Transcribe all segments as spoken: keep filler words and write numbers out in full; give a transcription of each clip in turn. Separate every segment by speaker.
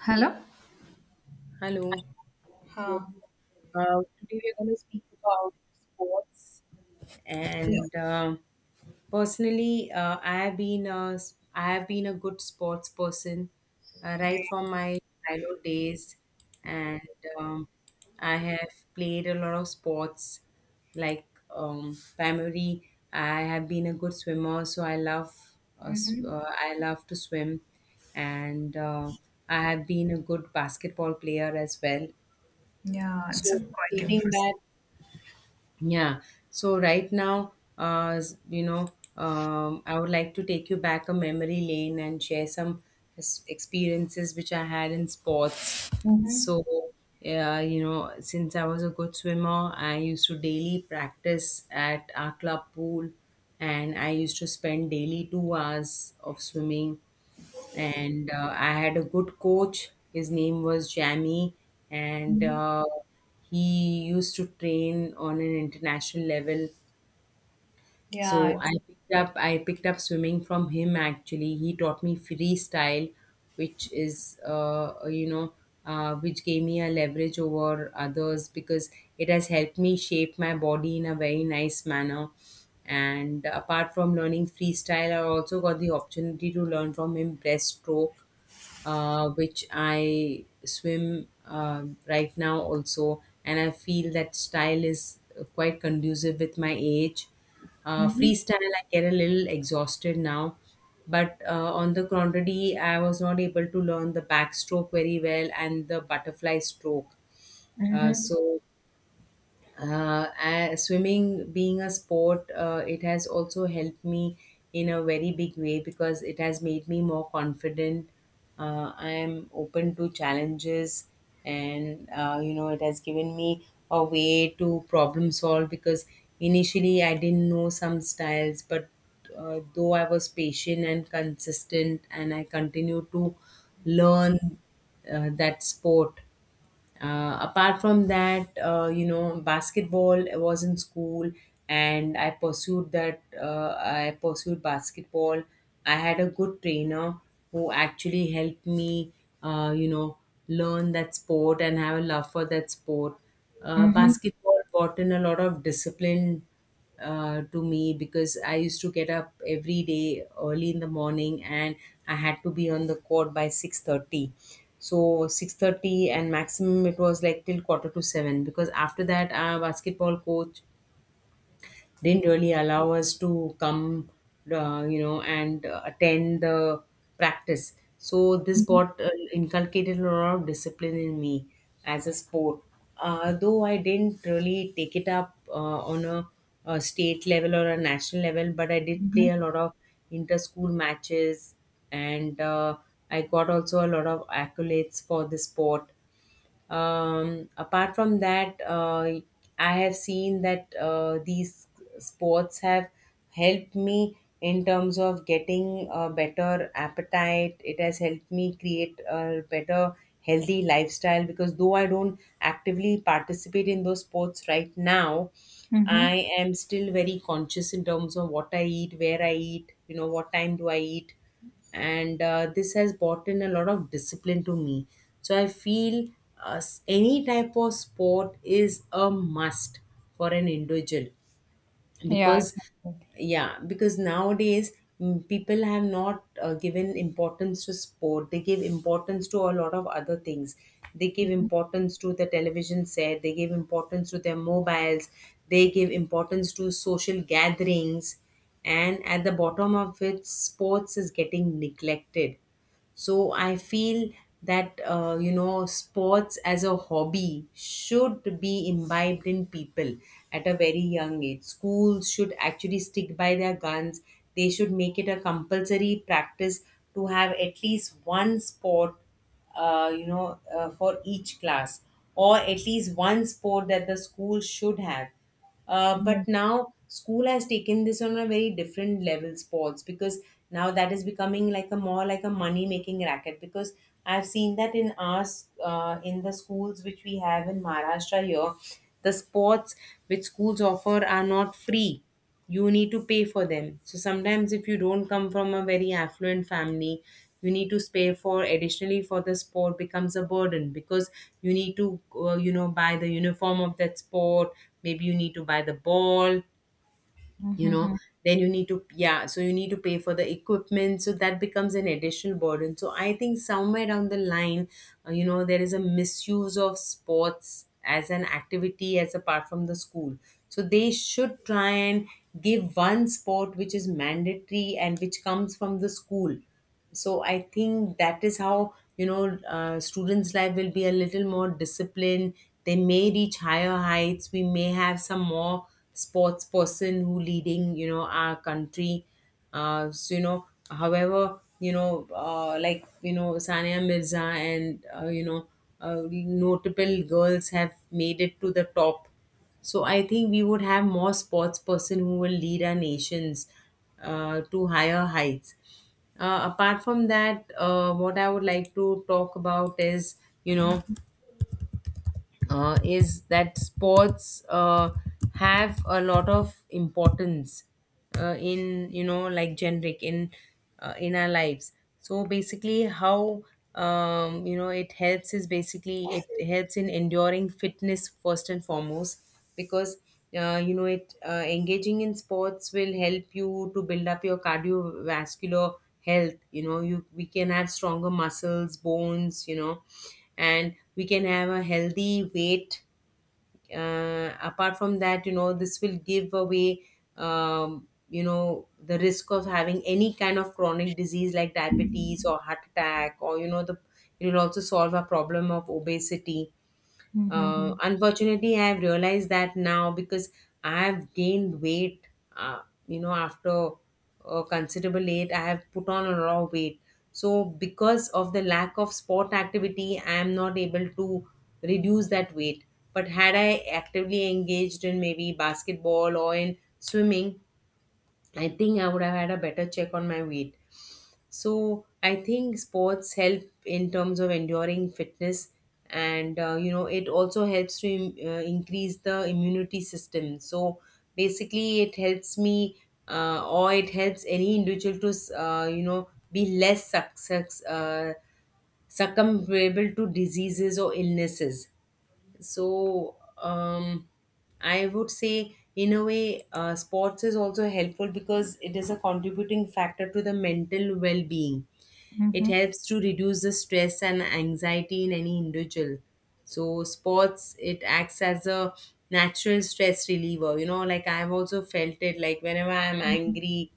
Speaker 1: Hello?
Speaker 2: Hello. So
Speaker 1: Huh.
Speaker 2: uh, today we're going to speak about sports, and uh, personally, uh, I have been a, s- I have been a good sports person uh, right from my childhood days, and um, I have played a lot of sports. Like um, primary, I have been a good swimmer, so I love uh, s-
Speaker 1: Mm-hmm.
Speaker 2: uh, I love to swim, and uh, I have been a good basketball player as well
Speaker 1: Yeah, it's a
Speaker 2: so
Speaker 1: quite
Speaker 2: stating
Speaker 1: impressive.
Speaker 2: that, yeah. So right now, uh, s- you know, um, I would like to take you back a memory lane and share some uh, s- experiences which I had in sports.
Speaker 1: Mm-hmm.
Speaker 2: So, yeah, you know, since I was a good swimmer, I used to daily practice at our club pool and I used to spend daily two hours of swimming. And uh, I had a good coach. His name was Jamie, and
Speaker 1: Mm-hmm.
Speaker 2: uh, he used to train on an international level
Speaker 1: Yeah.
Speaker 2: so
Speaker 1: It's,
Speaker 2: I picked up I picked up swimming from him actually. He taught me freestyle, which is uh, you know uh, which gave me a leverage over others because it has helped me shape my body in a very nice manner. And apart from learning freestyle, I also got the opportunity to learn from him breaststroke uh, which I swim uh, right now also, and I feel that style is uh, quite conducive with my age. Uh,
Speaker 1: mm-hmm.
Speaker 2: freestyle, I get a little exhausted now, but uh, on the contrary, I was not able to learn the backstroke very well and the butterfly stroke. Uh,
Speaker 1: Mm-hmm.
Speaker 2: so uh, a- Swimming being a sport, uh, it has also helped me in a very big way because it has made me more confident. Uh, I am open to challenges, and uh, you know, it has given me a way to problem solve because initially I didn't know some styles, but uh, though I was patient and consistent, and I continued to learn uh, that sport. Uh, apart from that, uh, you know, basketball was in school, and I pursued that. Uh, I pursued basketball. I had a good trainer who actually helped me, uh, you know, learn that sport and have a love for that sport. Uh,
Speaker 1: Mm-hmm.
Speaker 2: basketball brought in a lot of discipline uh, to me because I used to get up every day early in the morning and I had to be on the court by six thirty. So six thirty, and maximum it was like till quarter to seven because after that our basketball coach didn't really allow us to come, uh, you know, and uh, attend the practice. So this
Speaker 1: Mm-hmm.
Speaker 2: got uh, inculcated a lot of discipline in me as a sport. Uh, though I didn't really take it up uh, on a, a state level or a national level, but I did play a
Speaker 1: Mm-hmm.
Speaker 2: lot of inter-school matches, and uh, I got also a lot of accolades for the sport. Um, apart from that, uh, I have seen that uh, these sports have helped me in terms of getting a better appetite. It has helped me create a better healthy lifestyle because though I don't actively participate in those sports right now,
Speaker 1: Mm-hmm.
Speaker 2: I am still very conscious in terms of what I eat, where I eat, you know, what time do I eat, and uh, this has brought in a lot of discipline to me, so I feel uh, s- any type of sport is a must for an individual,
Speaker 1: Yeah.
Speaker 2: because yeah, because nowadays mm, people have not uh, given importance to sport. They give importance to a lot of other things. They give
Speaker 1: Mm-hmm.
Speaker 2: importance to the television set. They give importance to their mobiles. They give importance to social gatherings, and at the bottom of it sports is getting neglected. So I feel that uh, you know, sports as a hobby should be imbibed in people at a very young age. Schools should actually stick by their guns. They should make it a compulsory practice to have at least one sport, uh, you know, uh, for each class, or at least one sport that the school should have. Uh,
Speaker 1: Yeah.
Speaker 2: but now school has taken this on a very different level, sports, because now that is becoming like a more like a money making racket. Because I've seen that in us uh, in the schools which we have in Maharashtra here, the sports which schools offer are not free. You need to pay for them. So sometimes if you don't come from a very affluent family, you need to pay for additionally for the sport. Becomes a burden because you need to uh, you know, buy the uniform of that sport, maybe you need to buy the ball, you
Speaker 1: Mm-hmm.
Speaker 2: know, then you need to, yeah, so you need to pay for the equipment, so that becomes an additional burden. So I think somewhere down the line uh, you know, there is a misuse of sports as an activity as apart from the school, so they should try and give one sport which is mandatory and which comes from the school. So I think that is how, you know, uh, students life will be a little more disciplined. They may reach higher heights. We may have some more sports person who leading, you know, our country. Uh, so you know, however, you know, uh, like you know, Sania Mirza and uh, you know, uh, notable girls have made it to the top. So I think we would have more sports person who will lead our nations uh, to higher heights. Uh, apart from that, uh, what I would like to talk about is, you know,
Speaker 1: Mm-hmm.
Speaker 2: uh, is that sports uh, have a lot of importance uh, in, you know, like generic in uh, in our lives. So basically, how um, you know, it helps is basically it helps in enduring fitness first and foremost, because uh, you know it, uh, engaging in sports will help you to build up your cardiovascular health. You know, you, we can have stronger muscles, bones, you know, and we can have a healthy weight. Uh, apart from that, you know, this will give away um, you know, the risk of having any kind of chronic disease like diabetes or heart attack, or you know, the it will also solve a problem of obesity. Uh, unfortunately, I've realized that now because I've gained weight. Uh, you know, after a considerable age, I have put on a lot of weight. So, because of the lack of sport activity, I am not able to reduce that weight. But had I actively engaged in maybe basketball or in swimming, I think I would have had a better check on my weight. So I think sports help in terms of enduring fitness, and uh, you know, it also helps to im- uh, increase the immunity system. So basically, it helps me uh, or it helps any individual to s- uh, you know, be less success uh, succumbable to diseases or illnesses. So um, I would say in a way uh, sports is also helpful because it is a contributing factor to the mental well-being. It
Speaker 1: Mm-hmm.
Speaker 2: helps to reduce the stress and anxiety in any individual. So sports, it acts as a natural stress reliever. You know, like I've also felt it, like whenever I'm
Speaker 1: Mm-hmm.
Speaker 2: angry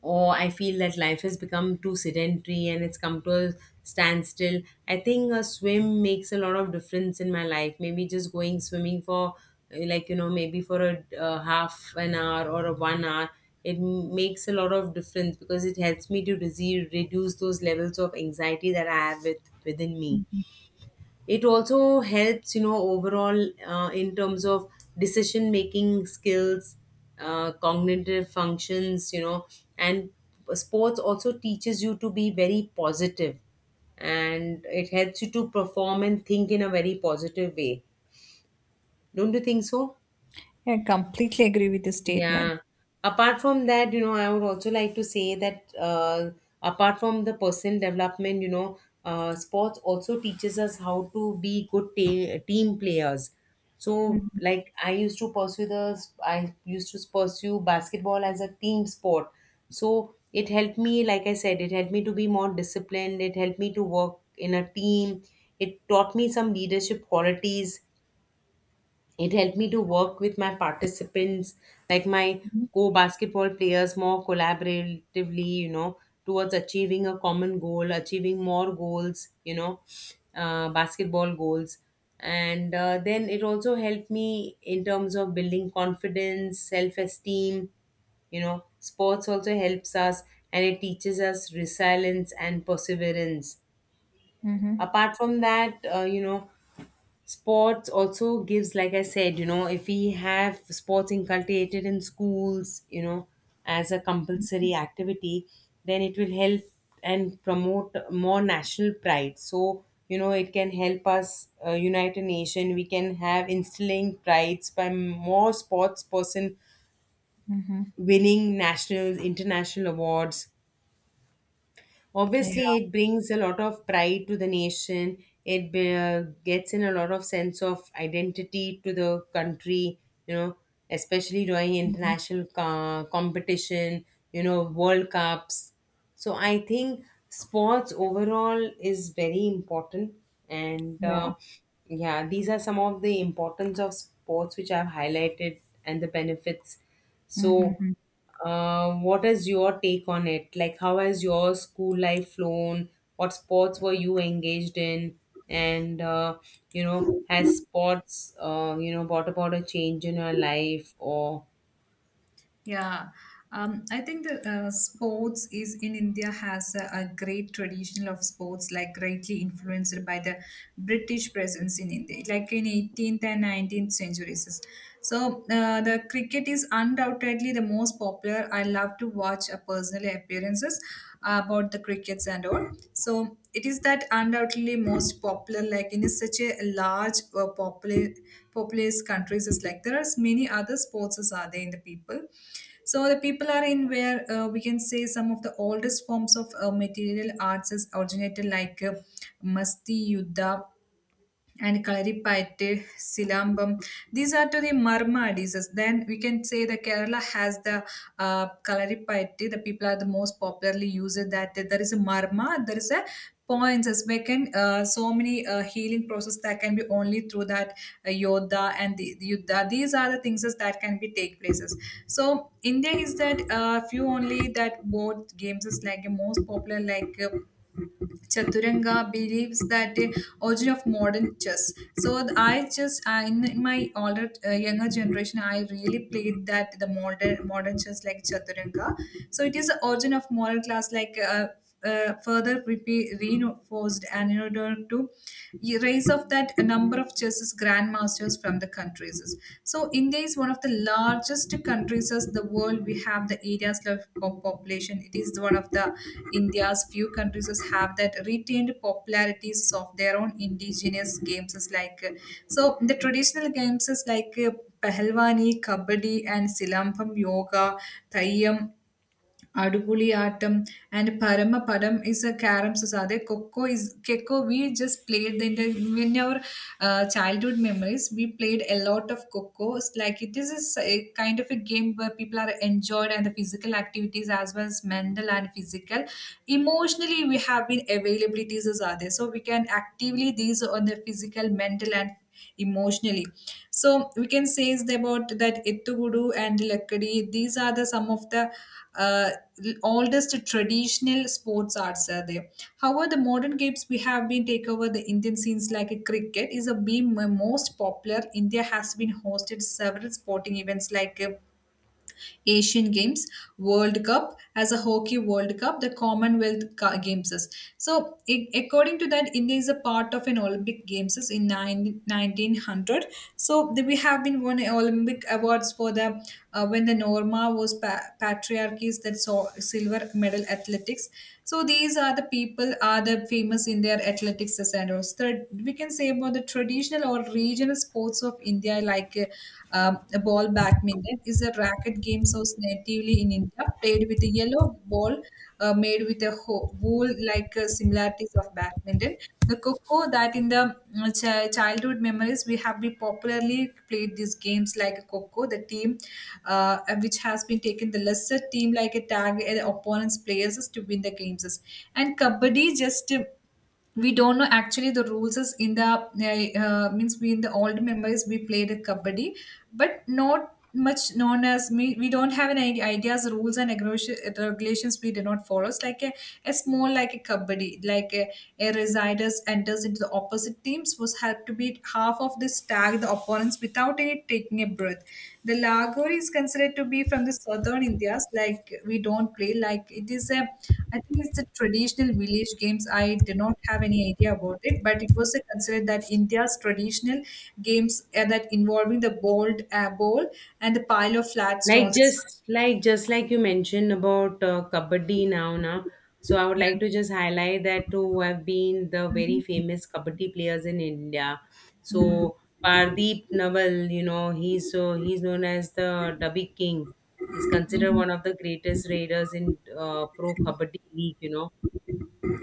Speaker 2: or I feel that life has become too sedentary and it's come to a standstill. I think a swim makes a lot of difference in my life. Maybe just going swimming for uh, like you know, maybe for a uh, half an hour or a one hour, it m- makes a lot of difference because it helps me to rese- reduce those levels of anxiety that I have with, within me. It also helps, you know, overall uh, in terms of decision making skills, uh, cognitive functions, you know, and sports also teaches you to be very positive, and it helps you to perform and think in a very positive way. Don't you think so?
Speaker 1: I completely agree with the statement.
Speaker 2: Yeah. Apart from that, you know, I would also like to say that uh, apart from the personal development, you know, uh, sports also teaches us how to be good ta- team players. So,
Speaker 1: Mm-hmm.
Speaker 2: like, I used to pursue the, I used to pursue basketball as a team sport. So it helped me, like I said, it helped me to be more disciplined. It helped me to work in a team. It taught me some leadership qualities. It helped me to work with my participants, like my co-basketball players, more collaboratively, you know, towards achieving a common goal, achieving more goals you know uh, Basketball goals. And uh, then it also helped me in terms of building confidence, self-esteem. You know, sports also helps us, and it teaches us resilience and perseverance.
Speaker 1: Mm-hmm.
Speaker 2: Apart from that, uh, you know sports also gives, like I said, you know, if we have sports inculcated in schools, you know, as a compulsory activity, then it will help and promote more national pride. So, you know, it can help us uh, unite a nation. We can have instilling prides by more sports person
Speaker 1: Mm-hmm.
Speaker 2: winning national, international awards.
Speaker 1: Yeah.
Speaker 2: Obviously, it brings a lot of pride to the nation. It be- uh, gets in a lot of sense of identity to the country, you know, especially during
Speaker 1: Mm-hmm.
Speaker 2: international co- competition, you know, world cups. So I think sports overall is very important, and
Speaker 1: Yeah.
Speaker 2: uh, yeah, these are some of the importance of sports which I've highlighted, and the benefits.
Speaker 1: Mm-hmm.
Speaker 2: So,
Speaker 1: Mm-hmm.
Speaker 2: uh, what is your take on it? Like, how has your school life flown? What sports were you engaged in? And uh, you know, has sports uh, you know brought about a change in your life, or
Speaker 1: Yeah, um, I think the uh, sports is in India has a, a great tradition of sports, like greatly influenced by the British presence in India, like in eighteenth and nineteenth centuries. So uh, the cricket is undoubtedly the most popular. I love to watch uh, personal appearances about the crickets and all. So it is that undoubtedly most popular, like in such a large uh, popula- populous countries. Is like there are many other sports as are there in the people, so the people are in where uh, we can say some of the oldest forms of uh, material arts is originated like uh, Masti Yuddha and Karipayattu, Silambam. These are to the Marma diseases. Then we can say the Kerala has the uh, Karipayattu. The people are the most popularly used that there is a Marma, there is a points as we can uh, so many uh, healing process that can be only through that uh, yoda and the, the yuddha. These are the things as that can be take places, so India is that uh, few only that both games is like a most popular like uh, Chaturanga believes that the origin of modern chess. So I just I, in my older uh, younger generation, I really played that the modern modern chess like Chaturanga. So it is the origin of modern class like. Uh, uh, further repe- reinforced and in order to raise of that number of chess grandmasters from from the countries. So India is one of the largest countries in the world. We have the areas of of population. It is one of the India's few countries that have that retained popularities of their own indigenous games is like uh, so the traditional games is like uh, Pahalwani, Kabaddi, and Silampam Yoga, Thayyam, Adupuli Atam and Paramapadam is a carom sasade. Coco is Keko. We just played in the in our uh, childhood memories. We played a lot of Coco. It's like it is a, s- a kind of a game where people are enjoyed and the physical activities as well as mental and physical. Emotionally, we have been availabilities are there, so we can actively these on the physical, mental and emotionally. So we can say is that about that Ettuguru and Lakkadi. These are the some of the uh, oldest traditional sports arts are there. However, the modern games we have been take over the Indian scenes like a cricket is a being m- most popular. India has been hosted several sporting events like uh, Asian Games, World Cup, as a Hockey World Cup, the Commonwealth Ca- Games. So, i- according to that, India is a part of an Olympic Games in nine nineteen hundred. So, the, we have been won Olympic awards for the uh, when the Norma was pa- patriarchies that saw silver medal athletics. So, these are the people are the famous in their athletics standards that we can say about the traditional or regional sports of India, like uh, um, ball badminton, is a racket game source natively in India, played with a yellow ball uh, made with a ho- wool like uh, similarities of badminton. The coco that in the mm, chi- childhood memories we have been popularly played these games like coco, the team uh, which has been taken the lesser team like a tag uh, opponent's players to win the games. And kabaddi just. Uh, we don't know actually the rules is in the uh, uh, means we in the old members we played a kabaddi, but not much known as me, we don't have any idea- ideas rules and regula- regulations we did not follow. It's like a, a small like a kabaddi like a, a residers enters into the opposite teams was had to beat half of the tag the opponents without any taking a breath. The lagori is considered to be from the southern Indias like we don't play like it is a, I think it's the traditional village games. I did not have any idea about it, but it was considered that India's traditional games uh, that involving the bowled uh, ball and the pile of flat
Speaker 2: like
Speaker 1: stones.
Speaker 2: just like, just like you mentioned about uh, kabaddi. Now now so I would like
Speaker 1: Yeah.
Speaker 2: to just highlight that who have been the very
Speaker 1: Mhm.
Speaker 2: famous kabaddi players in India. So
Speaker 1: Mm.
Speaker 2: Pardeep Naval, you know, he's, so he's known as the Dubby King. He's considered
Speaker 1: Mhm.
Speaker 2: one of the greatest raiders in uh, Pro Kabaddi League, you know.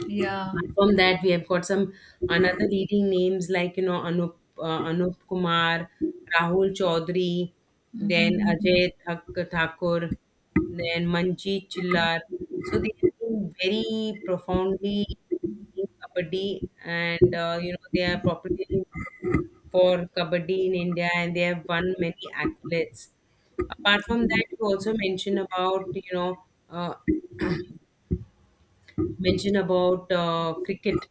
Speaker 1: Yeah.
Speaker 2: Apart from that, we have got some another leading names like, you know, Anup uh, Anup Kumar, Rahul Chaudhary, then
Speaker 1: Mhm.
Speaker 2: Ajay Thak- Thakur, then Manjeet Chillar. So they have been very profoundly in kabaddi, and uh, you know, they are popular for kabaddi in India, and they have won many accolades. Apart from that, you also mentioned about, you know, uh, mention about uh, cricket.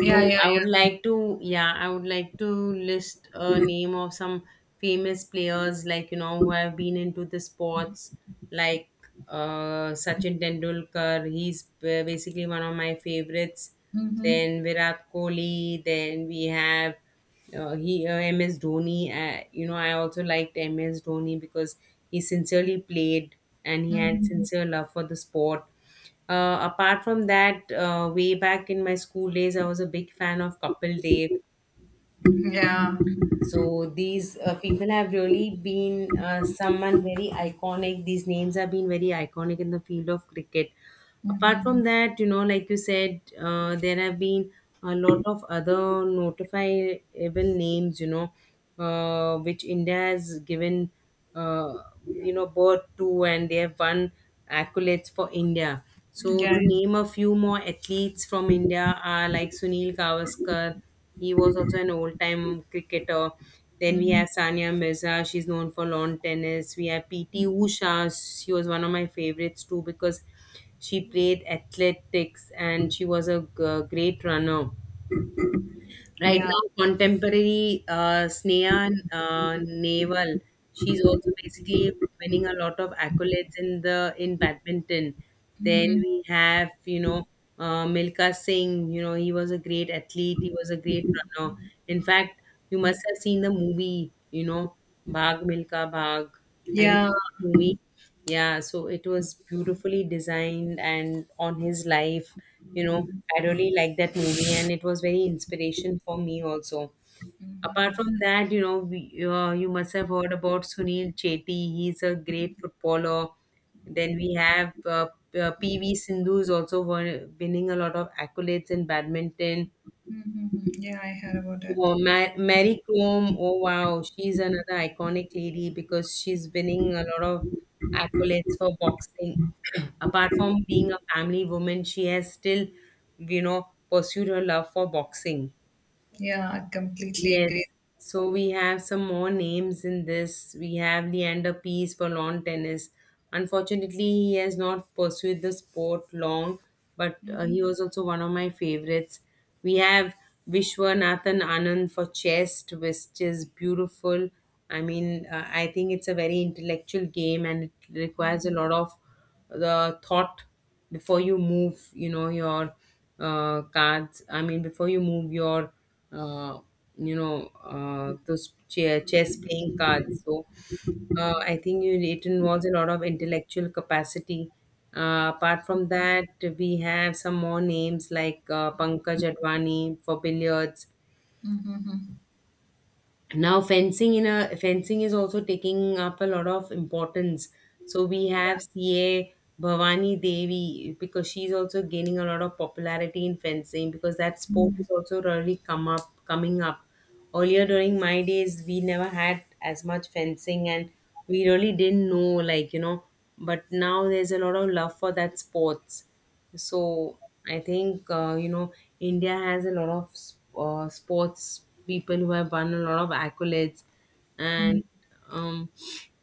Speaker 1: Yeah.
Speaker 2: So
Speaker 1: Yeah.
Speaker 2: I would
Speaker 1: Yeah.
Speaker 2: like to, yeah, I would like to list a name of some famous players like, you know, who have been into the sports, like uh, Sachin Tendulkar. He's ba- basically one of my favorites.
Speaker 1: Mm-hmm.
Speaker 2: Then Virat Kohli. Then we have uh, he uh, M S Dhoni. Uh, you know, I also liked M S Dhoni because he sincerely played, and he had
Speaker 1: Mm-hmm.
Speaker 2: sincere love for the sport. Uh, apart from that, uh, way back in my school days, I was a big fan of Kapil Dev.
Speaker 1: Yeah.
Speaker 2: So these uh, people have really been uh, someone very iconic. These names have been very iconic in the field of cricket. Apart
Speaker 1: Mm-hmm.
Speaker 2: from that, you know, like you said, uh, there have been a lot of other notifiable names, you know, uh, which India has given uh, you know, birth to, and they have won accolades for India. So,
Speaker 1: Yeah.
Speaker 2: to name a few more athletes from India are like Sunil Gavaskar. He was also an old-time cricketer. Then we
Speaker 1: Mm-hmm.
Speaker 2: have Sania Mirza. She's known for lawn tennis. We have P T Usha. She was one of my favorites too because she played athletics, and she was a g- great runner. Right
Speaker 1: Yeah.
Speaker 2: now, contemporary uh, Sneha uh, Nehwal, she's also basically winning a lot of accolades in the in badminton. Then
Speaker 1: Mm-hmm.
Speaker 2: we have, you know, uh, Milka Singh. You know, he was a great athlete. He was a great runner. In fact, you must have seen the movie. You know, Bhag Milka Bhag. Have you
Speaker 1: Yeah.
Speaker 2: seen the movie? Yeah, so it was beautifully designed and on his life, you know, I really liked that movie, and it was very inspiration for me also. Apart
Speaker 1: Mm-hmm.
Speaker 2: from that, you know, we, uh, you must have heard about Sunil Chetty. He's a great footballer. Then we have uh, uh, P V Sindhu is also won- winning a lot of accolades in badminton.
Speaker 1: Mm-hmm. Yeah. I heard about it.
Speaker 2: Oh, Ma- Mary Comb, oh wow, she's another iconic lady because she's winning a lot of accolades for boxing. Apart from being a family woman, she has still, you know, pursued her love for boxing.
Speaker 1: Yeah. I completely
Speaker 2: Yes.
Speaker 1: agree.
Speaker 2: So we have some more names in this. We have Leander Paes for lawn tennis. Unfortunately, he has not pursued the sport long, but uh, he
Speaker 1: Mm-hmm.
Speaker 2: was also one of my favorites. We have Vishwanathan Anand for chess, which is beautiful. I mean, uh, I think it's a very intellectual game, and it requires a lot of the thought before you move, you know, your uh, cards, I mean, before you move your uh, you know uh, those chair, chess playing cards. So uh, I think you, it involves a lot of intellectual capacity. Uh, apart from that, we have some more names like uh, Pankaj Advani for billiards. Now fencing, in a fencing is also taking up a lot of importance. So we have ca Bhavani Devi, because she's also gaining a lot of popularity in fencing, because that sport is also really come up coming up. Earlier during my days we never had as much fencing, and we really didn't know, like, you know. But now there's a lot of love for that sports. So I think, uh, you know, India has a lot of s- uh, sports people who have won a lot of accolades. And um,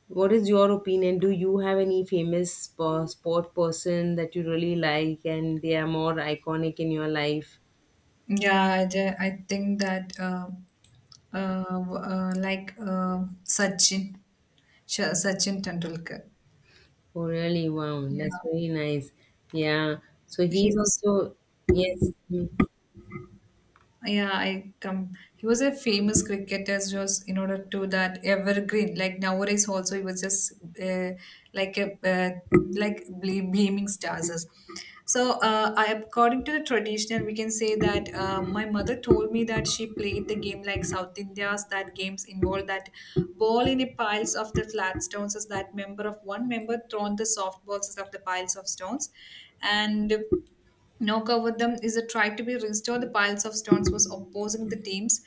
Speaker 2: what is your opinion? Do you have any famous uh, sport person that you really like, and they are more iconic in your life?
Speaker 1: Yeah, I, ju- I think that uh, uh, w- uh, like uh, Sachin, Sh- Sachin Tendulkar.
Speaker 2: Oh, really? Wow, that's
Speaker 1: Yeah,
Speaker 2: very nice. Yeah. So
Speaker 1: he
Speaker 2: he's
Speaker 1: was.
Speaker 2: also yes. Hmm.
Speaker 1: Yeah, I come. He was a famous cricketer, just in order to that evergreen. Like nowadays, also he was just uh, like a uh, like ble- beaming stars. Is. So, uh, I, according to the traditional, we can say that uh, my mother told me that she played the game like South India's. That games involved that ball in the piles of the flat stones. Is that member of one member thrown the soft balls of the piles of stones, and. No cover them is a try to be restored. The piles of stones was opposing the teams,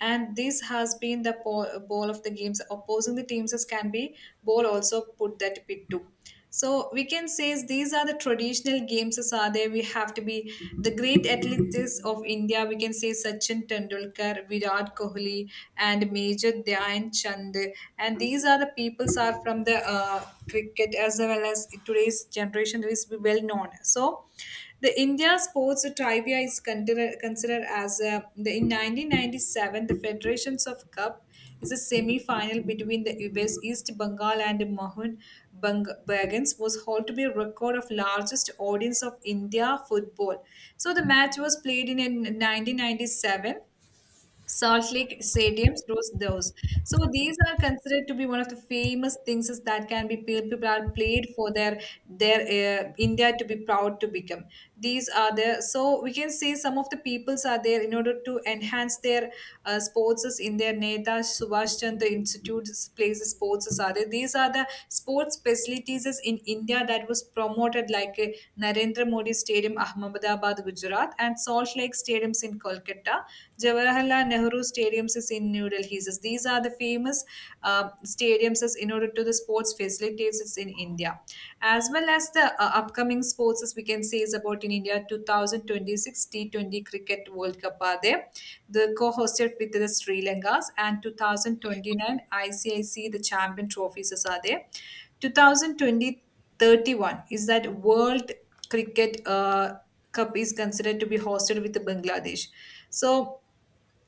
Speaker 1: and this has been the po- ball of the games. Opposing the teams as can be ball also put that pit too. So we can say is these are the traditional games as are there. We have to be the great athletes of India. We can say Sachin Tendulkar, Virat Kohli, and Major Dhyan Chand. And these are the peoples are from the uh, cricket as well as today's generation is well known. So the India sports trivia is considered, considered as a, the in nineteen ninety-seven the Federations of Cup is a semi-final between the U S East Bengal and Mohun Bang- Bagans was held to be a record of largest audience of India football. So the match was played in nineteen ninety-seven Salt Lake stadiums, those, those. So these are considered to be one of the famous things is that can be pe- people are played for their their uh, India to be proud to become. These are there. So we can say some of the peoples are there in order to enhance their uh, sports is in their Neta Subhash Chandra Institute places sports are there. These are the sports facilities is in India that was promoted like uh, Narendra Modi Stadium, Ahmedabad, Gujarat, and Salt Lake stadiums in Kolkata. Jawahar Jawaharlal Nehru stadiums is in New Delhi. So these are the famous uh, stadiums in order to the sports facilities in India. As well as the uh, upcoming sports, as we can say, is about in India twenty twenty-six T twenty Cricket World Cup are there. The co-hosted with the Sri Lankas and twenty twenty-nine I C I C the Champion Trophies are there. Two thousand twenty thirty-one is that World Cricket uh, Cup is considered to be hosted with the Bangladesh. So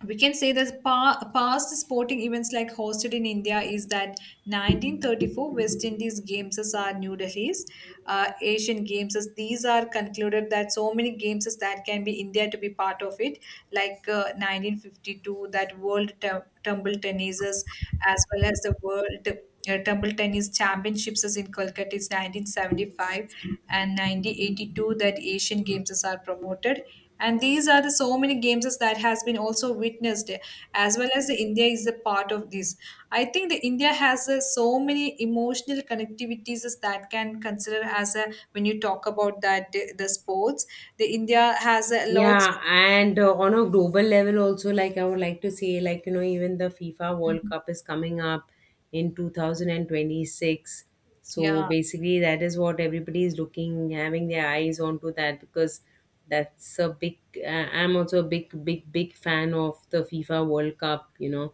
Speaker 1: we can say that pa- past sporting events like hosted in India is that nineteen thirty-four West Indies games as are New Delhi's, uh, Asian games as these are concluded that so many games as that can be India to be part of it, like uh, nineteen fifty-two that World Tum- Tumble Tennis as well as the World uh, table tennis championships is in Kolkata is nineteen seventy-five and nineteen eighty-two that Asian Games is are promoted. And these are the so many games is that has been also witnessed as well as the India is a part of this. I think the India has uh, so many emotional connectivities is that can consider as a when you talk about that the, the sports. The India has a lots.
Speaker 2: Yeah,
Speaker 1: Of,
Speaker 2: and uh, on a global level also, like I would like to say, like you know, even the FIFA World
Speaker 1: Mhm.
Speaker 2: Cup is coming up in two thousand twenty-six. So
Speaker 1: Yeah,
Speaker 2: basically, that is what everybody is looking, having their eyes onto that, because that's a big. Uh, I'm also a big, big, big fan of the FIFA World Cup. You know,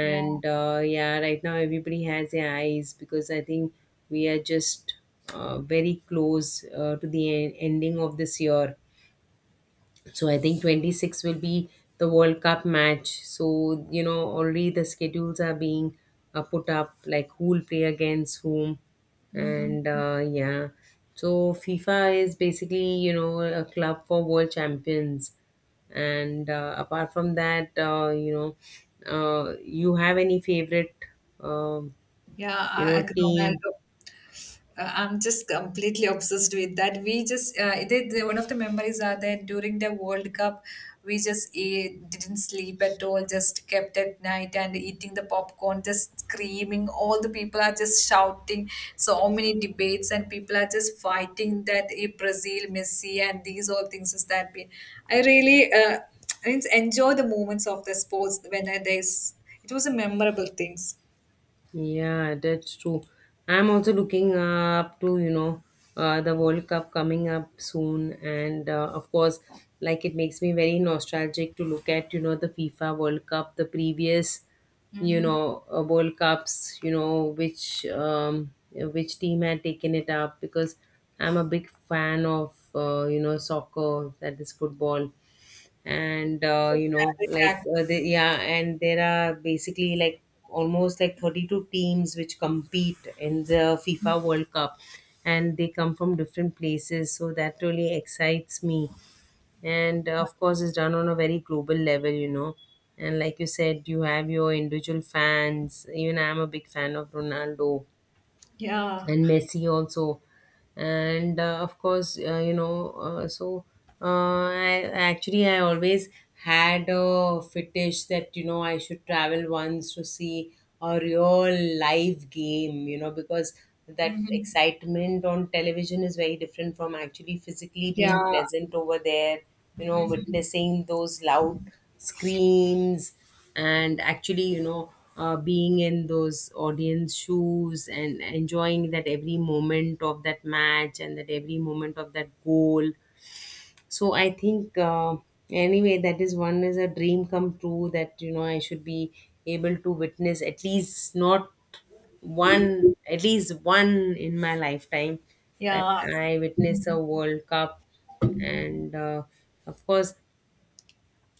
Speaker 1: yeah,
Speaker 2: uh, yeah, right now everybody has their eyes because I think we are just uh, very close uh, to the en- ending of this year. So I think twenty-six will be the World Cup match. So, you know, already the schedules are being uh, put up, like who will play against whom. And
Speaker 1: hmm
Speaker 2: uh, yeah, so FIFA is basically, you know, a club for world champions. And uh, apart from that, uh, you know, uh, you have any favorite, um,
Speaker 1: yeah.
Speaker 2: you
Speaker 1: I, I
Speaker 2: know,
Speaker 1: could-
Speaker 2: team?
Speaker 1: Ronaldo. Uh, I'm just completely obsessed with that. We just uh, they, they, one of the memories are that during the World Cup, we just ate, didn't sleep at all, just kept at night and eating the popcorn, just screaming. All the people are just shouting. So many debates and people are just fighting that eh, Brazil, Messi, and these all things is that been. I really uh, I mean enjoy the moments of the sports when I, there's it was a memorable things.
Speaker 2: Yeah, that's true. I'm also looking up to, you know, uh, the World Cup coming up soon. And uh, of course, like it makes me very nostalgic to look at, you know, the FIFA World Cup, the previous, you
Speaker 1: Hmm.
Speaker 2: know, uh, World Cups, you know, which um, which team had taken it up, because I'm a big fan of, uh, you know, soccer, that is football. And uh, you know, like uh, the, yeah, and there are basically like almost like thirty-two teams which compete in the FIFA World Cup, and they come from different places, so that really excites me. And uh, of course, it's done on a very global level, you know. And like you said, you have your individual fans. Even I'm a big fan of Ronaldo
Speaker 1: Yeah.
Speaker 2: and Messi also. And uh, of course, uh, you know, uh, so uh, I actually I always had a fetish that, you know, I should travel once to see a real live game, you know, because that excitement on television is very different from actually physically being
Speaker 1: Yeah,
Speaker 2: present over there, you know, witnessing those loud screams and actually, you know, uh, being in those audience shoes and enjoying that every moment of that match and that every moment of that goal. So I think, uh, anyway, that is one is a dream come true that, you know, I should be able to witness at least not one, at least one in my lifetime, that
Speaker 1: yeah,
Speaker 2: I witness a World Cup. And uh, of course,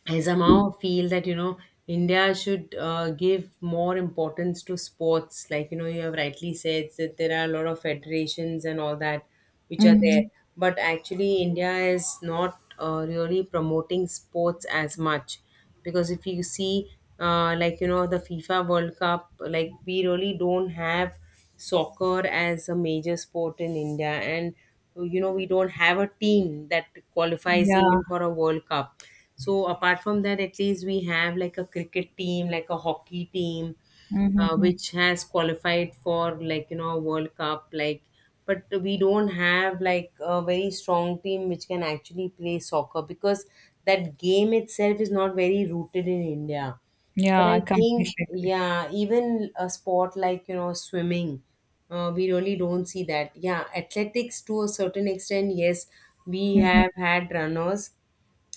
Speaker 2: I somehow feel that, you know, India should uh, give more importance to sports. Like, you know, you have rightly said that there are a lot of federations and all that which are there,
Speaker 1: mhm,
Speaker 2: but actually India is not uh, really promoting sports as much because if you see, uh, like, you know, the FIFA World Cup, like we really don't have soccer as a major sport in India, and you know, we don't have a team that qualifies
Speaker 1: yeah.
Speaker 2: even for a world cup. So apart from that, at least we have like a cricket team, like a hockey team, uh,
Speaker 1: Mhm.
Speaker 2: which has qualified for, like you know, a world cup, like, but we don't have like a very strong team which can actually play soccer, because that game itself is not very rooted in India. But
Speaker 1: Yeah, I
Speaker 2: I
Speaker 1: completely
Speaker 2: think,
Speaker 1: agree.
Speaker 2: yeah, even a sport like, you know, swimming, uh, we really don't see that. Yeah, athletics to a certain extent, yes, we
Speaker 1: Mhm.
Speaker 2: have had runners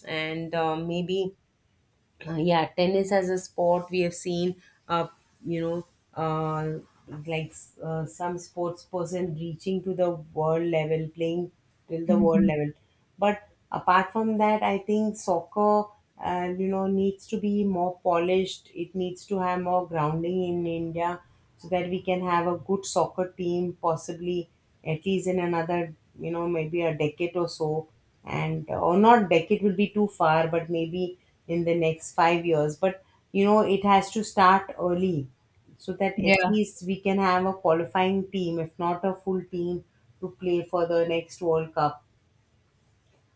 Speaker 2: and uh, maybe uh, yeah, tennis as a sport we have seen uh you know uh like uh, some sports person reaching to the world level, playing till the world level. But apart from that, I think soccer uh, you know, needs to be more polished. It needs to have more grounding in India, so that we can have a good soccer team possibly at least in another, you know, maybe a decade or so. And uh, or not decade will be too far, but maybe in the next five years. But you know, it has to start early, so that at
Speaker 1: Yeah.
Speaker 2: least we can have a qualifying team if not a full team to play for the next World Cup.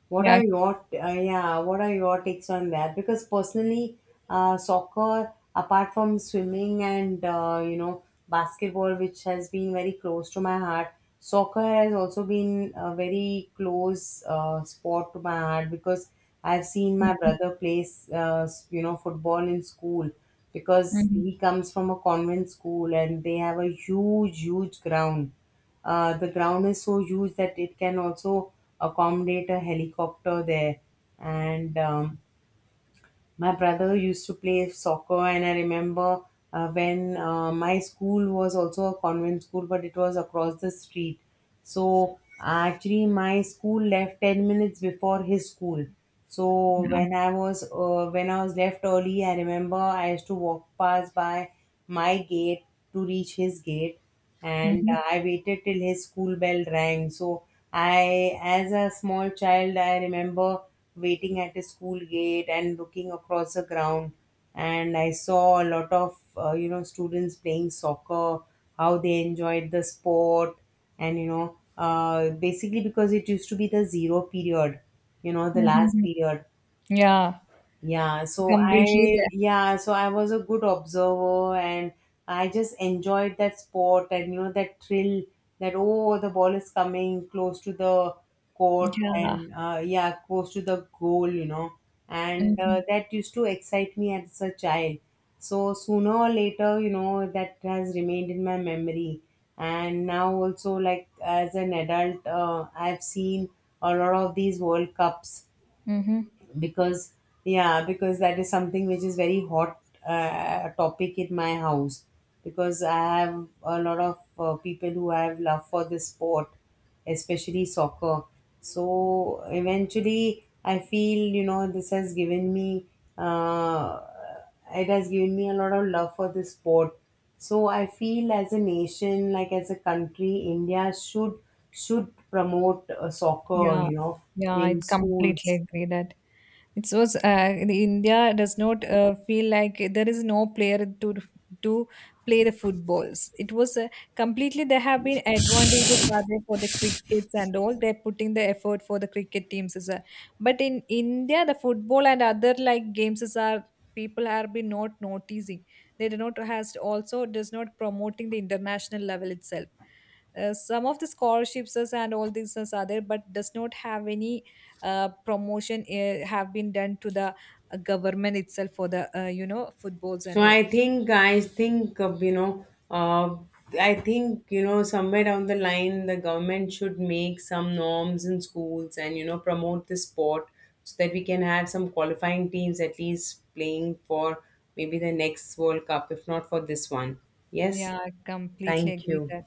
Speaker 2: What are your uh, yeah? What are your takes on that? Because personally, uh, soccer, apart from swimming and uh, you know, basketball, which has been very close to my heart, soccer has also been a very close uh, sport to my heart, because I've seen my brother play uh, you know, football in school, because he comes from a convent school and they have a huge, huge ground. Uh, the ground is so huge that it can also accommodate a helicopter there. And um, my brother used to play soccer, and I remember uh, when uh, my school was also a convent school, but it was across the street. So actually, my school left ten minutes before his school. So when I was uh, when I was left early, I remember I used to walk past by my gate to reach his gate. And
Speaker 1: Mhm.
Speaker 2: uh, I waited till his school bell rang. So I, as a small child, I remember waiting at his school gate and looking across the ground, and I saw a lot of uh, you know, students playing soccer, how they enjoyed the sport. And you know, uh, basically because it used to be the zero period, you know, the last
Speaker 1: Mhm.
Speaker 2: period.
Speaker 1: Yeah,
Speaker 2: Yeah, so
Speaker 1: completely
Speaker 2: I,
Speaker 1: there.
Speaker 2: yeah, so I was a good observer, and I just enjoyed that sport, and you know, that thrill, that oh, the ball is coming close to the court,
Speaker 1: Yeah.
Speaker 2: and uh, yeah, close to the goal, you know. And uh,
Speaker 1: Mhm.
Speaker 2: that used to excite me as a child. So sooner or later, you know, that has remained in my memory. And now also, like as an adult, uh, I've seen a lot of these World Cups,
Speaker 1: Mhm.
Speaker 2: because yeah, because that is something which is very hot uh, topic in my house, because I have a lot of uh, people who have love for this sport, especially soccer. So eventually I feel, you know, this has given me uh, it has given me a lot of love for this sport. So I feel as a nation, like as a country, India should should promote uh, soccer,
Speaker 1: Yeah,
Speaker 2: you know,
Speaker 1: yeah, I
Speaker 2: in
Speaker 1: completely
Speaker 2: schools.
Speaker 1: agree that it was uh, the India does not uh, feel like there is no player to to play the footballs. It was uh, completely there have been advantages are there for the crickets and all. They're putting the effort for the cricket teams as well. But in India, the football and other like games is are people are been not noticing. They do not has also does not promoting the international level itself. Uh, some of the scholarships is and all these things are there, but does not have any uh, promotion uh, have been done to the uh, government itself for the uh, you know footballs
Speaker 2: So
Speaker 1: and all.
Speaker 2: I think I think uh, you know uh, I think you know, somewhere down the line, the government should make some norms in schools and you know, promote the sport, so that we can have some qualifying teams at least playing for maybe the next World Cup if not for this one. Yes,
Speaker 1: Yeah, I completely
Speaker 2: thank
Speaker 1: agree
Speaker 2: you.
Speaker 1: that.